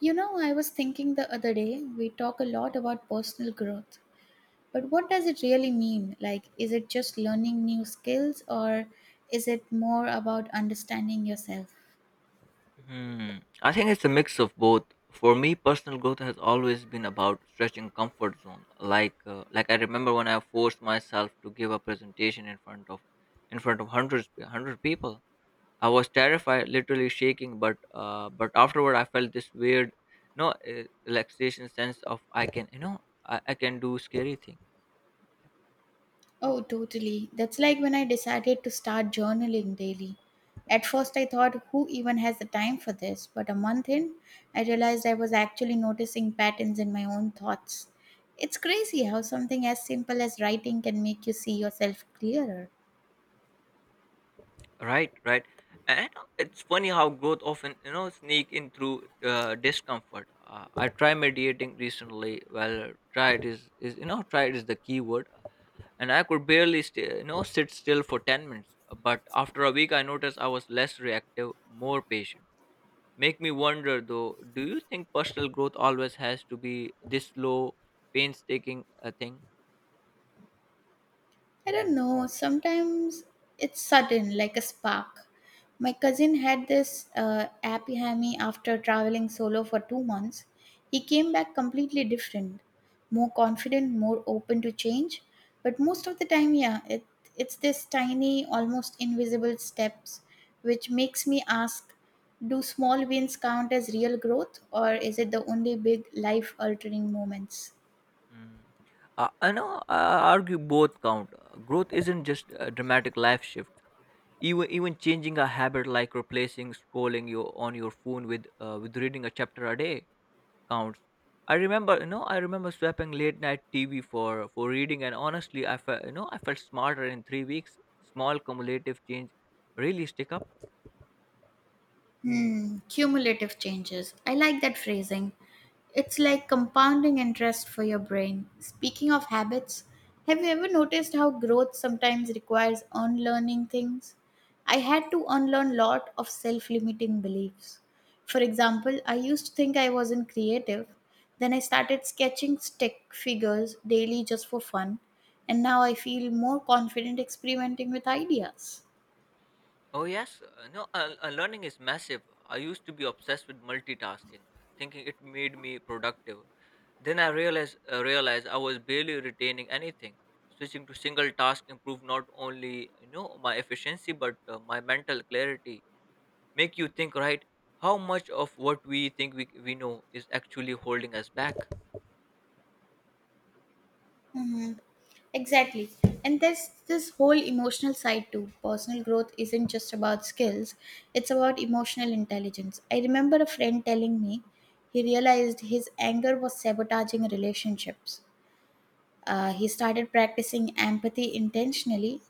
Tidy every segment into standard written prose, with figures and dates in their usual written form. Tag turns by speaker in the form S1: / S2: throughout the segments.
S1: You know, I was thinking the other day, we talk a lot about personal growth, but what does it really mean? Like, is it just learning new skills or is it more about understanding yourself?
S2: Hmm. I think it's a mix of both. For me, personal growth has always been about stretching comfort zone. Like I remember when I forced myself to give a presentation in front of hundred people. I was terrified, literally shaking. But afterward, I felt this weird, no, relaxation sense of I can, I can do scary things.
S1: Oh, totally. That's like when I decided to start journaling daily. At first, I thought, who even has the time for this? But a month in, I realized I was actually noticing patterns in my own thoughts. It's crazy how something as simple as writing can make you see yourself clearer.
S2: Right, right. And it's funny how growth often, sneak in through discomfort. I try meditating recently. Well, tried is tried is the key word. And I could barely stay, sit still for 10 minutes. But after a week, I noticed I was less reactive, more patient. Make me wonder though. Do you think personal growth always has to be this slow, painstaking thing?
S1: I don't know. Sometimes it's sudden, like a spark. My cousin had this happy hammy after traveling solo for 2 months. He came back completely different, more confident, more open to change. But most of the time, yeah, it's this tiny, almost invisible steps, which makes me ask: Do small wins count as real growth, or is it the only big life-altering moments?
S2: Mm. I know. I argue both count. Growth isn't just a dramatic life shift, even changing a habit like replacing scrolling your on your phone with reading a chapter a day counts. I remember I remember swapping late night TV for reading, and honestly I felt I felt smarter in 3 weeks. Small cumulative change really stick up.
S1: Hmm, cumulative changes. I like that phrasing. It's like compounding interest for your brain. Speaking of habits, have you ever noticed how growth sometimes requires unlearning things? I had to unlearn lot of self-limiting beliefs. For example, I used to think I wasn't creative. Then I started sketching stick figures daily just for fun, and now I feel more confident experimenting with ideas.
S2: Oh yes, no, learning is massive. I used to be obsessed with multitasking, thinking it made me productive. Then I realized realized I was barely retaining anything. Switching to single task improved not only my efficiency but my mental clarity. Make you think, right, how much of what we think we know is actually holding us back.
S1: Exactly. And there's this whole emotional side too. Personal growth isn't just about skills, it's about emotional intelligence. I remember a friend telling me he realized his anger was sabotaging relationships. He started practicing empathy intentionally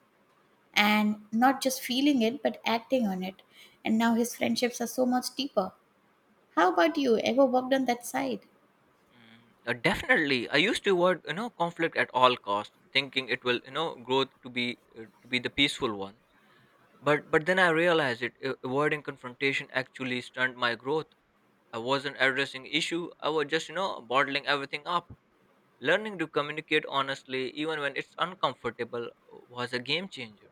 S1: and not just feeling it, but acting on it. And now his friendships are so much deeper. How about you? Ever worked on that side?
S2: Mm, definitely, I used to avoid conflict at all cost, thinking it will growth to be the peaceful one. But then I realized it. Avoiding confrontation actually stunned my growth. I wasn't addressing issue. I was just bottling everything up. Learning to communicate honestly, even when it's uncomfortable, was a game changer.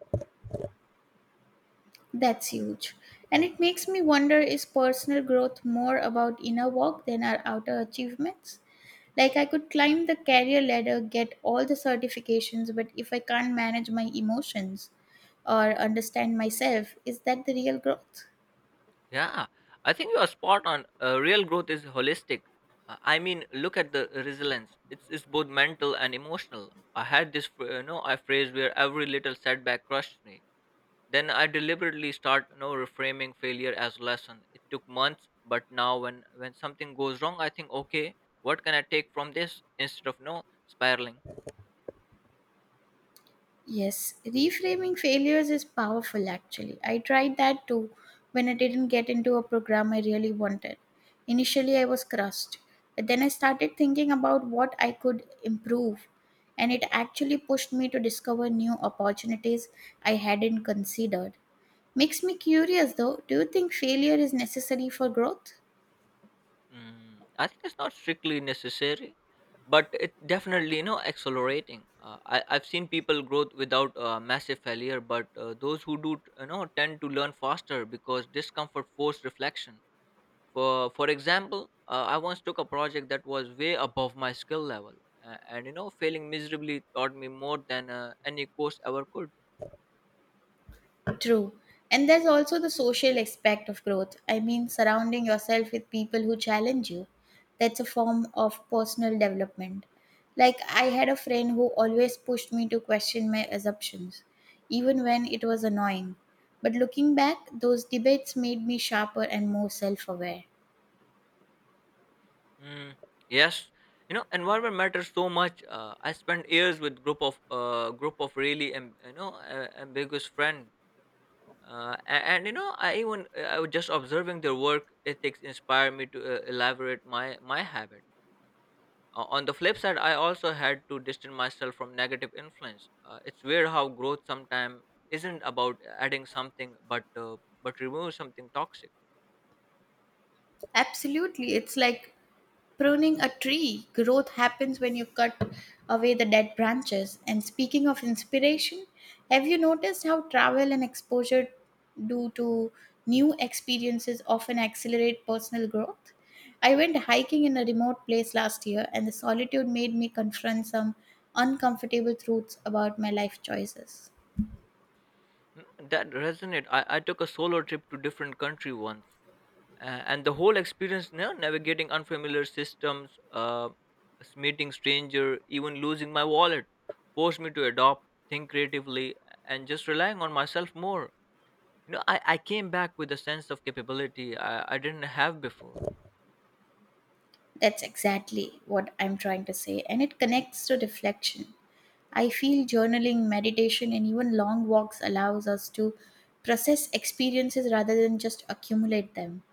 S1: That's huge. And it makes me wonder, is personal growth more about inner work than our outer achievements? Like, I could climb the career ladder, get all the certifications, but if I can't manage my emotions or understand myself, is that the real growth?
S2: Yeah, I think you are spot on. Real growth is holistic. I mean, look at the resilience. It's both mental and emotional. I had I phrase where every little setback crushed me. Then I deliberately start reframing failure as lesson. It took months, but now when something goes wrong, I think, okay, what can I take from this instead of no spiraling?
S1: Yes, reframing failures is powerful actually. I tried that too when I didn't get into a program I really wanted. Initially, I was crushed, but then I started thinking about what I could improve, and it actually pushed me to discover new opportunities I hadn't considered. Makes me curious though, do you think failure is necessary for growth?
S2: Mm, I think it's not strictly necessary, but it definitely accelerating. I've seen people growth without massive failure, but those who do tend to learn faster because discomfort forces reflection. For example, I once took a project that was way above my skill level, and failing miserably taught me more than any course ever could.
S1: True. And there's also the social aspect of growth. I mean, surrounding yourself with people who challenge you. That's a form of personal development. Like, I had a friend who always pushed me to question my assumptions, even when it was annoying. But looking back, those debates made me sharper and more self aware.
S2: Mm. Yes, environment matters so much. I spent years with group of really ambiguous friend, and I even I was just observing their work ethics inspired me to elaborate my habit. On the flip side, I also had to distance myself from negative influence. It's weird how growth sometimes isn't about adding something, but remove something toxic.
S1: Absolutely. It's like pruning a tree, growth happens when you cut away the dead branches. And speaking of inspiration, have you noticed how travel and exposure due to new experiences often accelerate personal growth? I went hiking in a remote place last year, and the solitude made me confront some uncomfortable truths about my life choices.
S2: Mm, that resonate. I took a solo trip to different country once, and the whole experience, you know, navigating unfamiliar systems, meeting stranger, even losing my wallet, forced me to adopt, think creatively, and just relying on myself more. I came back with a sense of capability I didn't have before.
S1: That's exactly what I'm trying to say, and it connects to reflection. I feel journaling, meditation, and even long walks allows us to process experiences rather than just accumulate them.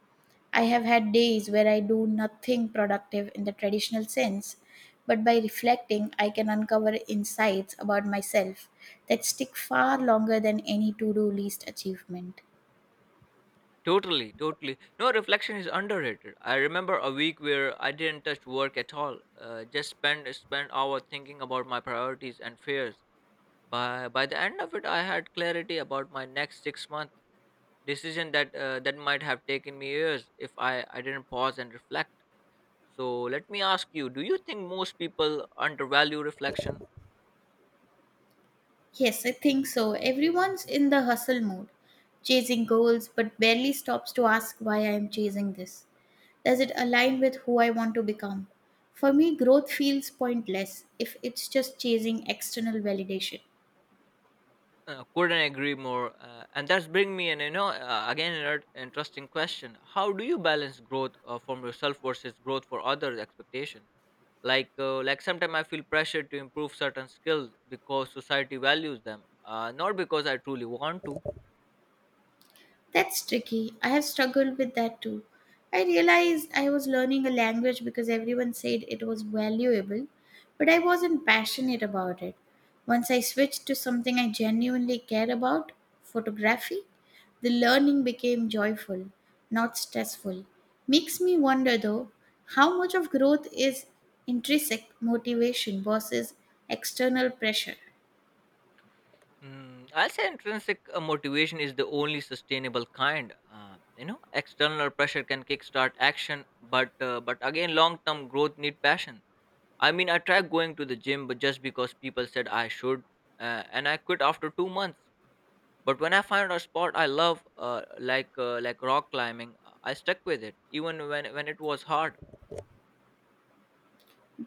S1: I have had days where I do nothing productive in the traditional sense, but by reflecting, I can uncover insights about myself that stick far longer than any to do list achievement.
S2: Totally, no, reflection is underrated. I remember a week where I didn't touch work at all, just spent hour thinking about my priorities and fears. By the end of it I had clarity about my next 6 months decision that that might have taken me years if I didn't pause and reflect. So let me ask you, do you think most people undervalue reflection?
S1: Yes, I think so. Everyone's in the hustle mode, chasing goals, but barely stops to ask why I am chasing this. Does it align with who I want to become? For me, growth feels pointless if it's just chasing external validation.
S2: Couldn't agree more. And that's bring me in, again, another interesting question. How do you balance growth from yourself versus growth for others' expectation? Like sometimes I feel pressure to improve certain skills because society values them, not because I truly want to.
S1: That's tricky. I have struggled with that too. I realized I was learning a language because everyone said it was valuable, but I wasn't passionate about it. Once I switched to something I genuinely care about, photography, the learning became joyful, not stressful. Makes me wonder though, how much of growth is intrinsic motivation versus external pressure?
S2: Mm, I'll say intrinsic motivation is the only sustainable kind. You know, external pressure can kickstart action, but again long term growth need passion. I mean, I tried going to the gym but just because people said I should, and I quit after 2 months. But when I found a sport I love, like rock climbing, I stuck with it even when it was hard.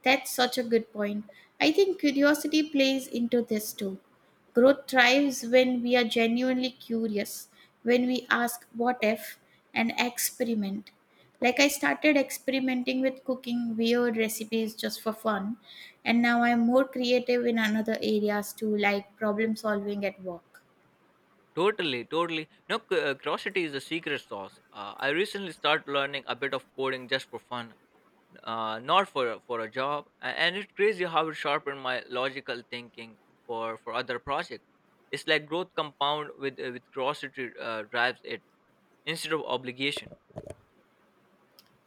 S1: That's such a good point. I think curiosity plays into this too. Growth thrives when we are genuinely curious, when we ask what if and experiment. Like I started experimenting with cooking weird recipes just for fun, and now I'm more creative in another areas too, like problem solving at work.
S2: Totally, totally. No, curiosity is the secret sauce. I recently started learning a bit of coding just for fun, not for a job, and it's crazy how it sharpened my logical thinking for other projects. It's like growth compound with curiosity drives it instead of obligation.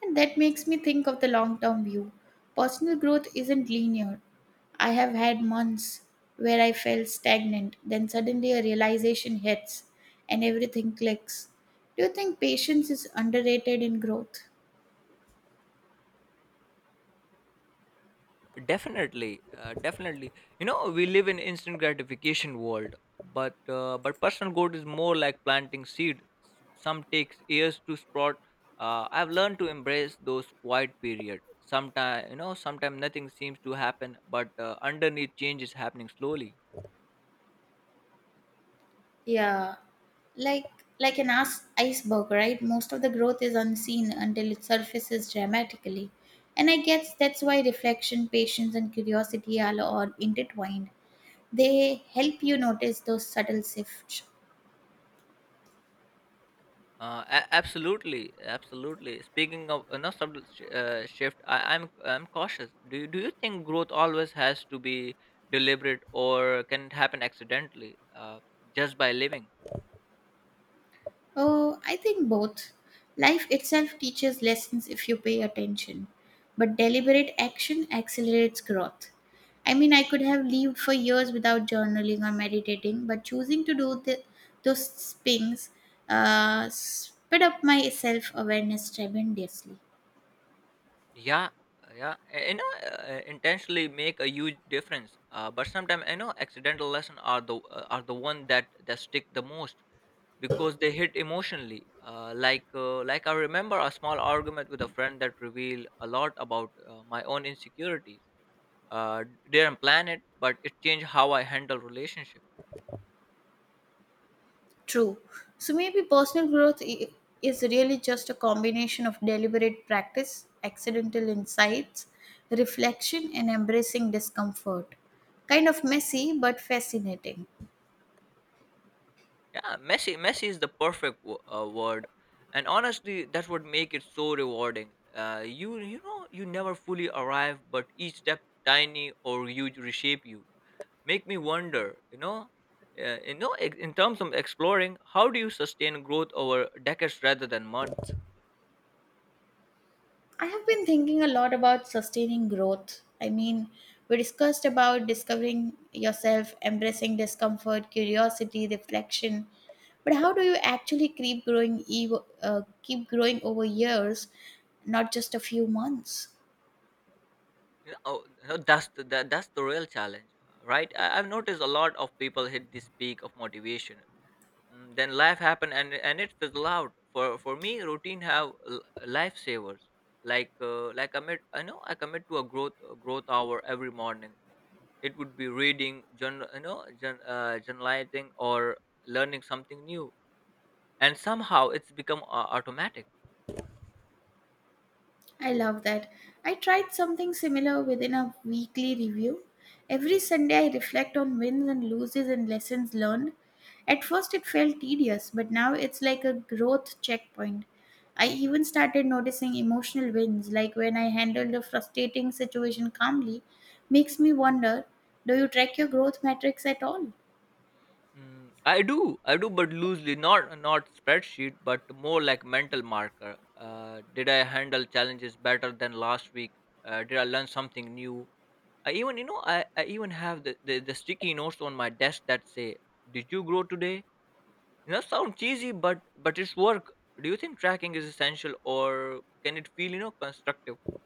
S1: And that makes me think of the long term view. Personal growth isn't linear. I have had months where I felt stagnant, then suddenly a realization hits and everything clicks. Do you think patience is underrated in growth?
S2: Definitely, you know, we live in instant gratification world, but personal growth is more like planting seed. Some takes years to sprout. I've learned to embrace those quiet period. Sometimes sometimes nothing seems to happen, but underneath change is happening slowly.
S1: Yeah, Like like an iceberg, right? Most of the growth is unseen until it surfaces dramatically. And I guess that's why reflection, patience, and curiosity are all intertwined. They help you notice those subtle shifts.
S2: Absolutely, absolutely. Speaking of no shift, I'm cautious. Do you think growth always has to be deliberate, or can it happen accidentally, just by living?
S1: Oh, I think both. Life itself teaches lessons if you pay attention, but deliberate action accelerates growth. I mean, I could have lived for years without journaling or meditating, but choosing to do those things sped up my self awareness tremendously.
S2: Yeah, uh, yeah, uh, you know, intentionally make a huge difference. But sometimes accidental lessons are the one that stick the most because they hit emotionally. Like I remember a small argument with a friend that revealed a lot about my own insecurities. Uh, didn't plan it, but it changed how I handle relationships.
S1: True. So maybe personal growth is really just a combination of deliberate practice, accidental insights, reflection, and embracing discomfort. Kind of messy, but fascinating.
S2: Yeah, messy. Messy is the perfect word, and honestly, that would make it so rewarding. You you know you never fully arrive, but each step tiny or huge reshape you. Make me wonder, in terms of exploring, how do you sustain growth over decades rather than months?
S1: I have been thinking a lot about sustaining growth. I mean, we discussed about discovering yourself, embracing discomfort, curiosity, reflection. But how do you actually keep growing, keep growing over years, not just a few months?
S2: You know, that's that's the real challenge, right? I've noticed a lot of people hit this peak of motivation. Mm, then life happen and it fizzle out. For me routine have lifesavers. Like, I commit, I know I commit to a growth hour every morning. It would be reading journal, you know, journalizing, or learning something new, and somehow it's become automatic.
S1: I love that. I tried something similar within a weekly review. Every Sunday, I reflect on wins and losses and lessons learned. At first, it felt tedious, but now it's like a growth checkpoint. I even started noticing emotional wins, like when I handled a frustrating situation calmly, makes me wonder, do you track your growth metrics at all?
S2: Mm, I do but loosely, not spreadsheet but more like mental marker. Did I handle challenges better than last week? Did I learn something new? I even I even have the sticky notes on my desk that say, "Did you grow today?" You know, sound cheesy, but it's work. Do you think tracking is essential, or can it feel constructive?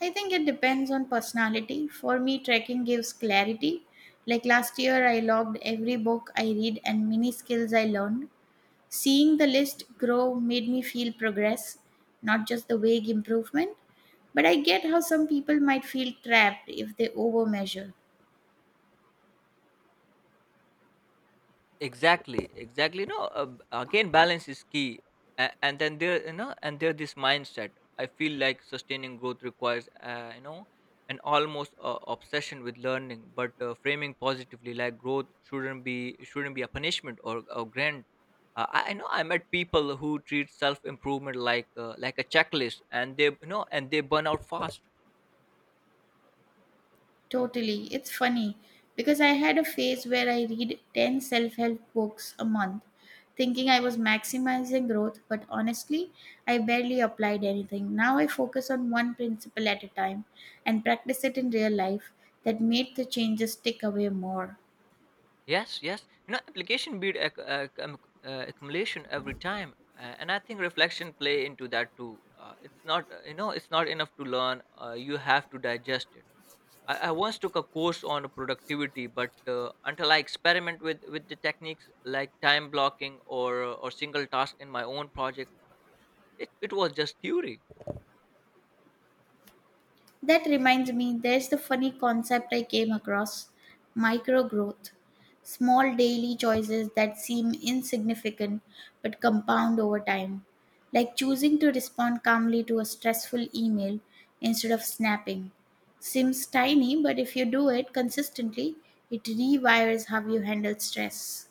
S1: I think it depends on personality. For me, trekking gives clarity. Like last year, I logged every book I read and many skills I learned. Seeing the list grow made me feel progress, not just the vague improvement. But I get how some people might feel trapped if they overmeasure.
S2: Exactly, exactly. No, again balance is key. And then there, and there this mindset, I feel like sustaining growth requires, an almost obsession with learning but framing positively. Like growth shouldn't be a punishment or grand. I know, I met people who treat self improvement like a checklist and they and they burn out fast.
S1: Totally. It's funny because I had a phase where I read 10 self help books a month, thinking I was maximizing growth, but honestly, I barely applied anything. Now I focus on one principle at a time and practice it in real life that made the changes stick away more.
S2: Yes, yes. You know, application beat accumulation every time, and I think reflection play into that too. It's not, it's not enough to learn. You have to digest it. I once took a course on productivity, but until I experiment with the techniques like time blocking or single task in my own project, it was just theory.
S1: That reminds me, there's the funny concept I came across, micro growth. Small daily choices that seem insignificant but compound over time. Like choosing to respond calmly to a stressful email instead of snapping. Seems tiny, but if you do it consistently, it rewires how you handle stress.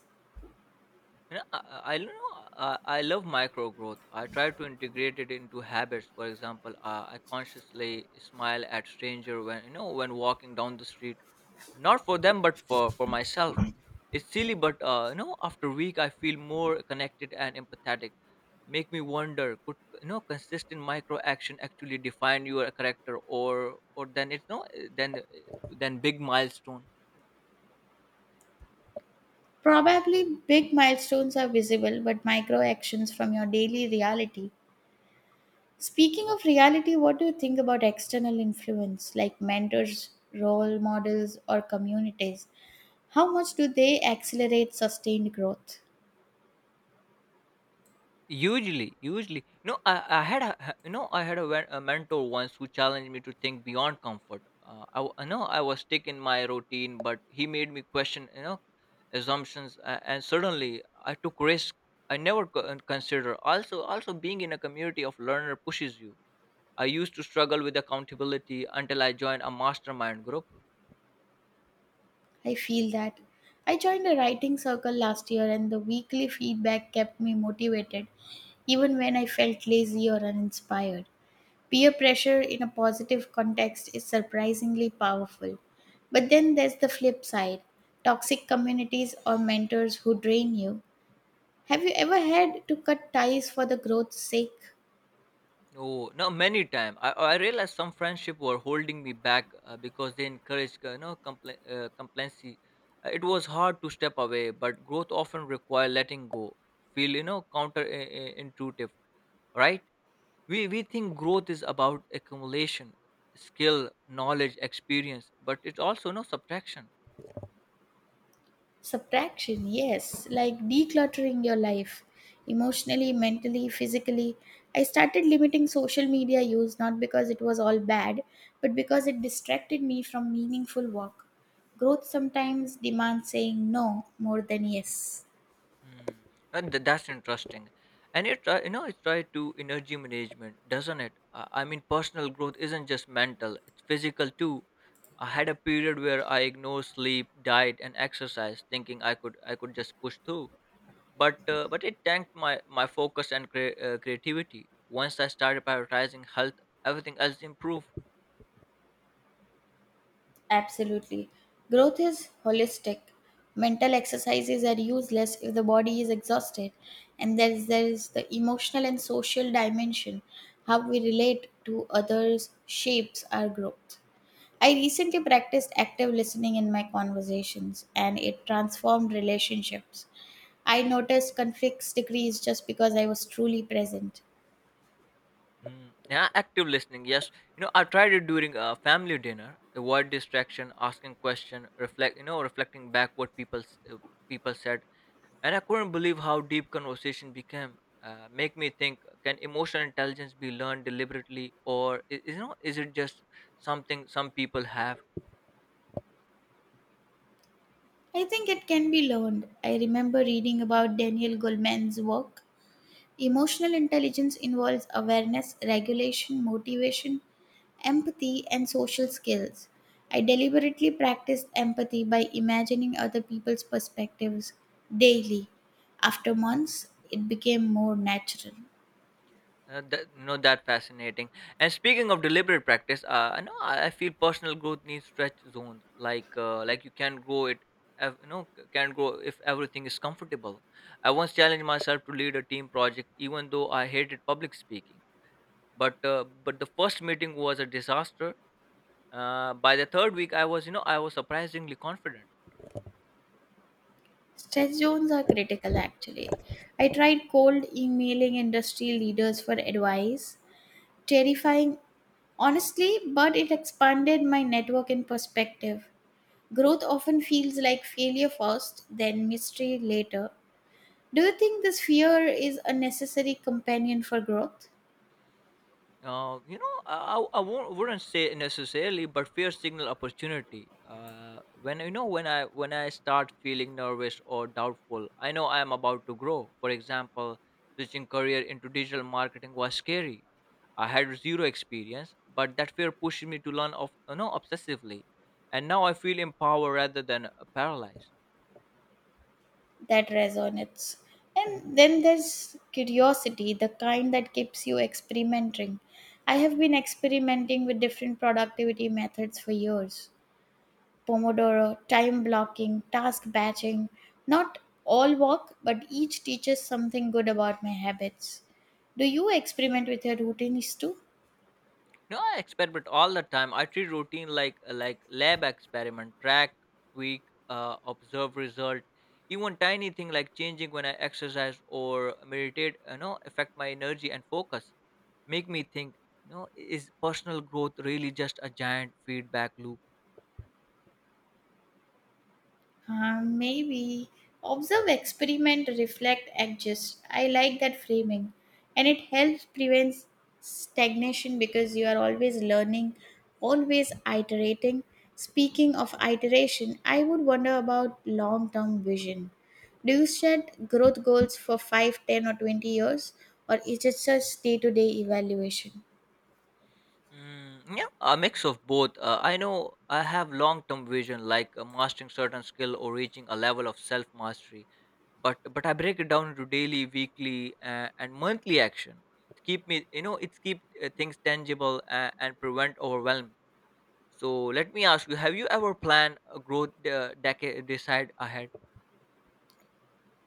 S2: Yeah, I don't know. I love micro growth. I try to integrate it into habits. For example, I consciously smile at stranger when when walking down the street, not for them but for myself. It's silly, but after a week, I feel more connected and empathetic. Make me wonder, could consistent micro action actually define your character, or then then big milestone.
S1: Probably big milestones are visible, but micro actions from your daily reality. Speaking of reality, what do you think about external influence like mentors, role models, or communities? How much do they accelerate sustained growth?
S2: Usually, usually. No, I had I had a, a mentor once who challenged me to think beyond comfort. I, I know I was stuck in my routine, but he made me question assumptions, and suddenly I took risk I never consider. Also being in a community of learner pushes you. I used to struggle with accountability until I joined a mastermind group.
S1: I feel that. I joined a writing circle last year, and the weekly feedback kept me motivated even when I felt lazy or uninspired. Peer pressure in a positive context is surprisingly powerful. But then there's the flip side, toxic communities or mentors who drain you. Have you ever had to cut ties for the growth's sake?
S2: Oh, no, many time. I realized some friendship were holding me back because they encouraged, complacency. It was hard to step away, but growth often require letting go. Feel, you know, counterintuitive, right? We think growth is about accumulation skill knowledge experience, but it's also no subtraction.
S1: Subtraction, yes, like decluttering your life emotionally, mentally, physically. I started limiting social media use not because it was all bad, but because it distracted me from meaningful work. Growth sometimes demands saying no more than yes.
S2: Mm. And that's interesting. And it, try- you know, it's tied to energy management, doesn't it? I mean, personal growth isn't just mental; it's physical too. I had a period where I ignored sleep, diet, and exercise, thinking I could just push through. But it tanked my focus and creativity. Once I started prioritizing health, everything else improved.
S1: Absolutely. Growth is holistic. Mental exercises are useless if the body is exhausted. And there is the emotional and social dimension. How we relate to others shapes our growth. I recently practiced active listening in my conversations and it transformed relationships. I noticed conflicts decrease just because I was truly present.
S2: Mm, yeah, active listening. Yes, you know, I tried it during a family dinner. Avoid distraction, asking question, reflect. You know, reflecting back what people said, and I couldn't believe how deep conversation became. Make me think: can emotional intelligence be learned deliberately, or is it just something some people have?
S1: I think it can be learned. I remember reading about Daniel Goleman's work. Emotional intelligence involves awareness, regulation, motivation, empathy, and social skills. I deliberately practiced empathy by imagining other people's perspectives daily. After months, it became more natural.
S2: That, that fascinating. And speaking of deliberate practice, I know I feel personal growth needs stretch zones. Like you can grow it, can grow if everything is comfortable. I once challenged myself to lead a team project, even though I hated public speaking. But the first meeting was a disaster. By the third week, I was I was surprisingly confident.
S1: Stress zones are critical actually. I tried cold emailing industry leaders for advice. Terrifying, honestly, but it expanded my network and perspective. Growth often feels like failure first, then mystery later. Do you think this fear is a necessary companion for growth?
S2: I won't, wouldn't say necessarily, but fear signal opportunity. When you know when I start feeling nervous or doubtful, I know I am about to grow. For example, switching career into digital marketing was scary. I had zero experience, but that fear pushed me to learn of obsessively, and now I feel empowered rather than paralyzed.
S1: That resonates. And then there's curiosity, the kind that keeps you experimenting. I have been experimenting with different productivity methods for years, Pomodoro, time blocking, task batching. Not all work, but each teaches something good about my habits. Do you experiment with your routines too?
S2: No, I experiment all the time. I treat routine like lab experiment, track, tweak, observe result. Even tiny thing like changing when I exercise or meditate, you know, affect my energy and focus. Make me think, you know, is personal growth really just a giant feedback loop?
S1: Maybe. Observe, experiment, reflect, adjust. I like that framing. And it helps prevent stagnation because you are always learning, always iterating. Speaking of iteration, I would wonder about long term vision. Do you set growth goals for 5, 10, or 20 years? Or is it just day to day evaluation?
S2: Mm, yeah, a mix of both. I know I have long-term vision, mastering certain skill or reaching a level of self-mastery. But I break it down into daily, weekly, and monthly action. It keep me, you know, it's keep things tangible and prevent overwhelm. So let me ask you: have you ever planned a growth decade decide ahead?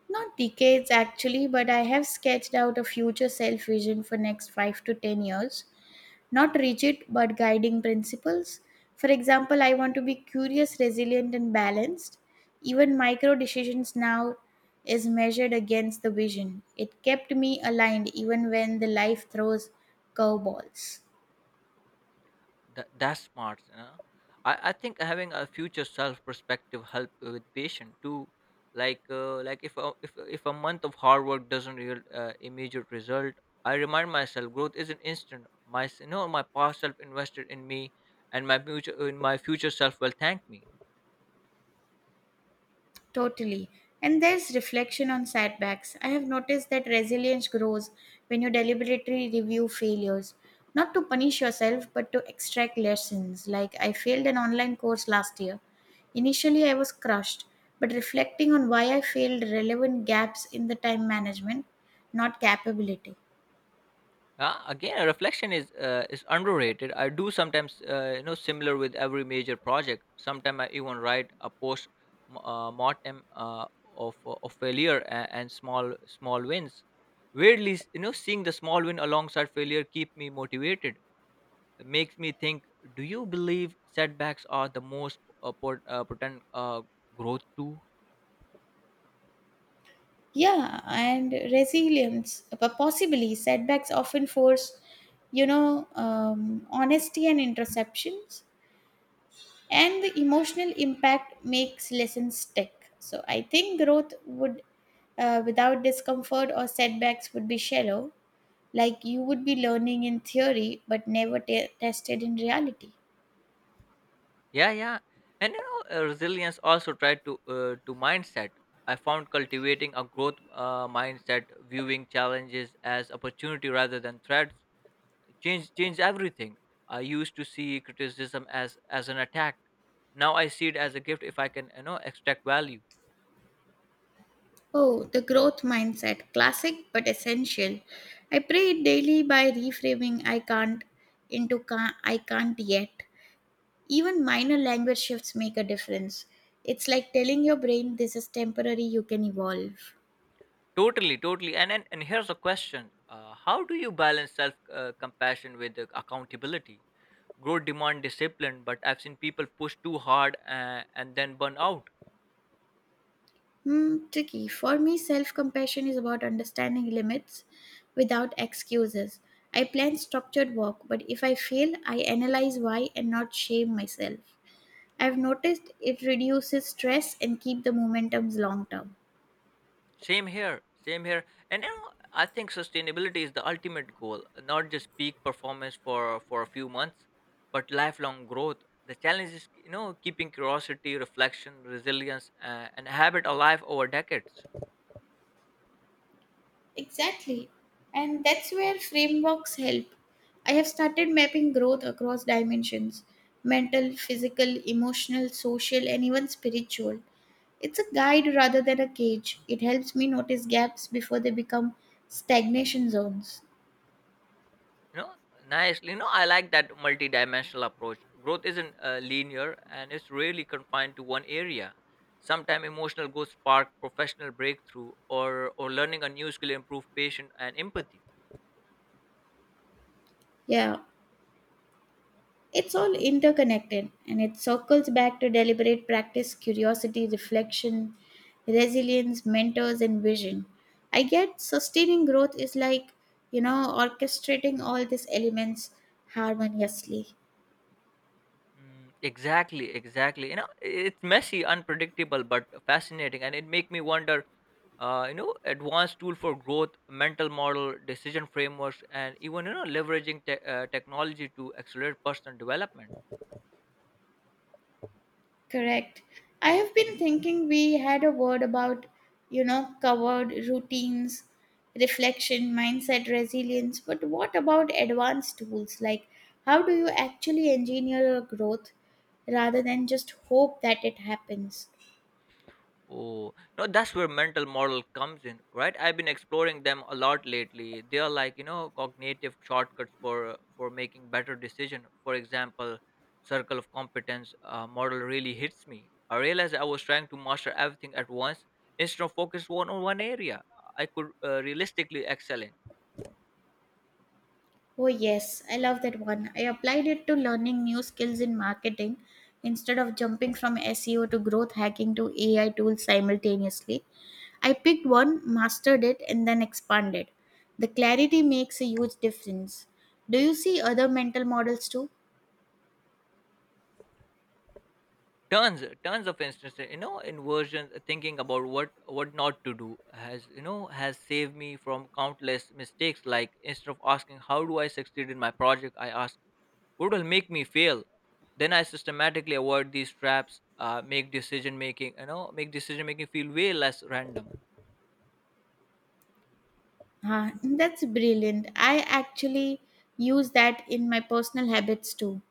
S1: Not decades actually, but I have sketched out a future self vision for next 5 to 10 years, not rigid but guiding principles. For example, I want to be curious, resilient, and balanced. Even micro decisions now is measured against the vision. It kept me aligned even when the life throws curveballs.
S2: That's smart. You know? I think having a future self perspective help with patient too. Like if a, if if a month of hard work doesn't yield immediate result, I remind myself growth isn't instant. My s- you know My past self invested in me, and my future in my future self will thank me.
S1: Totally. And there's reflection on setbacks. I have noticed that resilience grows when you deliberately review failures, not to punish yourself, but to extract lessons. Like I failed an online course last year. Initially, I was crushed, but reflecting on why I failed relevant gaps in the time management, not capability.
S2: Again, reflection is underrated. I do sometimes, you know, similar with every major project. Sometimes I even write a post mortem of failure and small wins. Weirdly, seeing the small win alongside failure keep me motivated. It makes me think, do you believe setbacks are the most potent growth too?
S1: Yeah, and resilience, possibly setbacks often force, honesty and interceptions. And the emotional impact makes lessons stick. So I think growth would, without discomfort or setbacks, would be shallow. Like you would be learning in theory but never tested in reality.
S2: Yeah, and you know resilience also tried to mindset. I found cultivating a growth mindset, viewing challenges as opportunity rather than threats, change everything. I used to see criticism as an attack. Now I see it as a gift if I can you know extract value.
S1: Oh, the growth mindset, classic but essential. I pray it daily by reframing I can't into I can't yet. Even minor language shifts make a difference. It's like telling your brain this is temporary, you can evolve.
S2: Totally, and here's a question: how do you balance self compassion with the accountability? Growth demand discipline, but I've seen people push too hard and then burn out.
S1: Hmm, tricky. For me, self compassion is about understanding limits without excuses. I plan structured work, but if I fail, I analyze why and not shame myself. I've noticed it reduces stress and keep the momentums long term.
S2: Same here, same here. And you know, I think sustainability is the ultimate goal, not just peak performance for a few months, but lifelong growth. The challenge is, you know, keeping curiosity, reflection, resilience, and habit alive over decades.
S1: Exactly. And that's where frameworks help. I have started mapping growth across dimensions, mental, physical, emotional, social, and even spiritual. It's a guide rather than a cage. It helps me notice gaps before they become stagnation zones.
S2: You know, nicely. You know, I like that multidimensional approach. Growth isn't linear, and it's really confined to one area. Sometimes emotional growth spark professional breakthrough, or learning a new skill improve patient and empathy.
S1: Yeah. It's all interconnected and it circles back to deliberate practice, curiosity, reflection, resilience, mentors, and vision. I get sustaining growth is like, you know, orchestrating all these elements harmoniously.
S2: Mm, exactly, exactly. You know, it's messy, unpredictable, but fascinating, and it make me wonder. You know, advanced tool for growth, mental model, decision frameworks, and even you know leveraging technology to accelerate personal development.
S1: Correct. I have been thinking we had a word about, you know, covered routines, reflection, mindset, resilience, but what about advanced tools? Like, how do you actually engineer your growth rather than just hope that it happens?
S2: Oh, no, that's where mental model comes in, right? I've been exploring them a lot lately. They are like, you know, cognitive shortcuts for making better decision. For example, circle of competence model really hits me. I realized I was trying to master everything at once instead of focus one on one area. I could realistically excel in.
S1: Oh, yes, I love that one. I applied it to learning new skills in marketing instead of jumping from SEO to growth hacking to AI tools simultaneously. I picked one, mastered it, and then expanded. The clarity makes a huge difference. Do you see other mental models too?
S2: tons tons, of instances, you know, inversion, thinking about what not to do has you know has saved me from countless mistakes. Like instead of asking how do I succeed in my project, I ask what will make me fail, then I systematically avoid these traps. Make decision making, you know, make decision making feel way less random.
S1: Ah, that's brilliant. I actually use that in my personal habits too.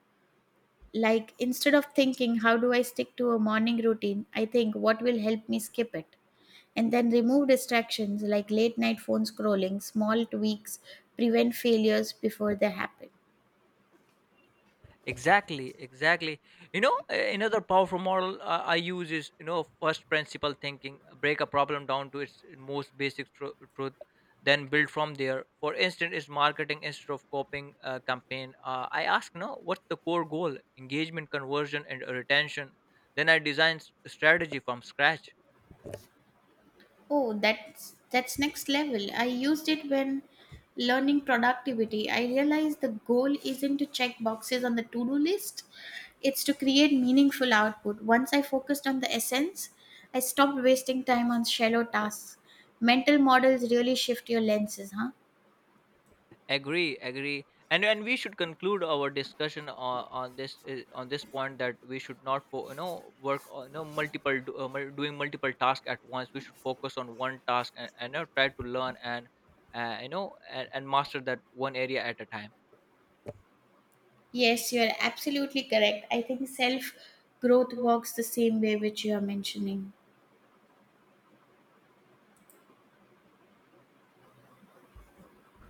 S1: Like, instead of thinking, how do I stick to a morning routine, I think, what will help me skip it? And then remove distractions like late night phone scrolling, small tweaks, prevent failures before they happen.
S2: Exactly, exactly. You know, another powerful model I use is you know first principle thinking. Break a problem down to its most basic truth, then build from there. For instance, is marketing, instead of copying a campaign, I ask no what's the core goal: engagement, conversion, and retention? Then I design strategy from scratch.
S1: Oh, that's next level. I used it when learning productivity. I realized the goal isn't to check boxes on the to-do list, it's to create meaningful output. Once I focused on the essence, I stopped wasting time on shallow tasks. Mental models really shift your lenses, huh?
S2: Agree, agree. And we should conclude our discussion on this point that we should not work on, you know, multiple doing multiple tasks at once. We should focus on one task and you know, try to learn and you know and master that one area at a time.
S1: Yes, you are absolutely correct. I think self growth works the same way which you are mentioning.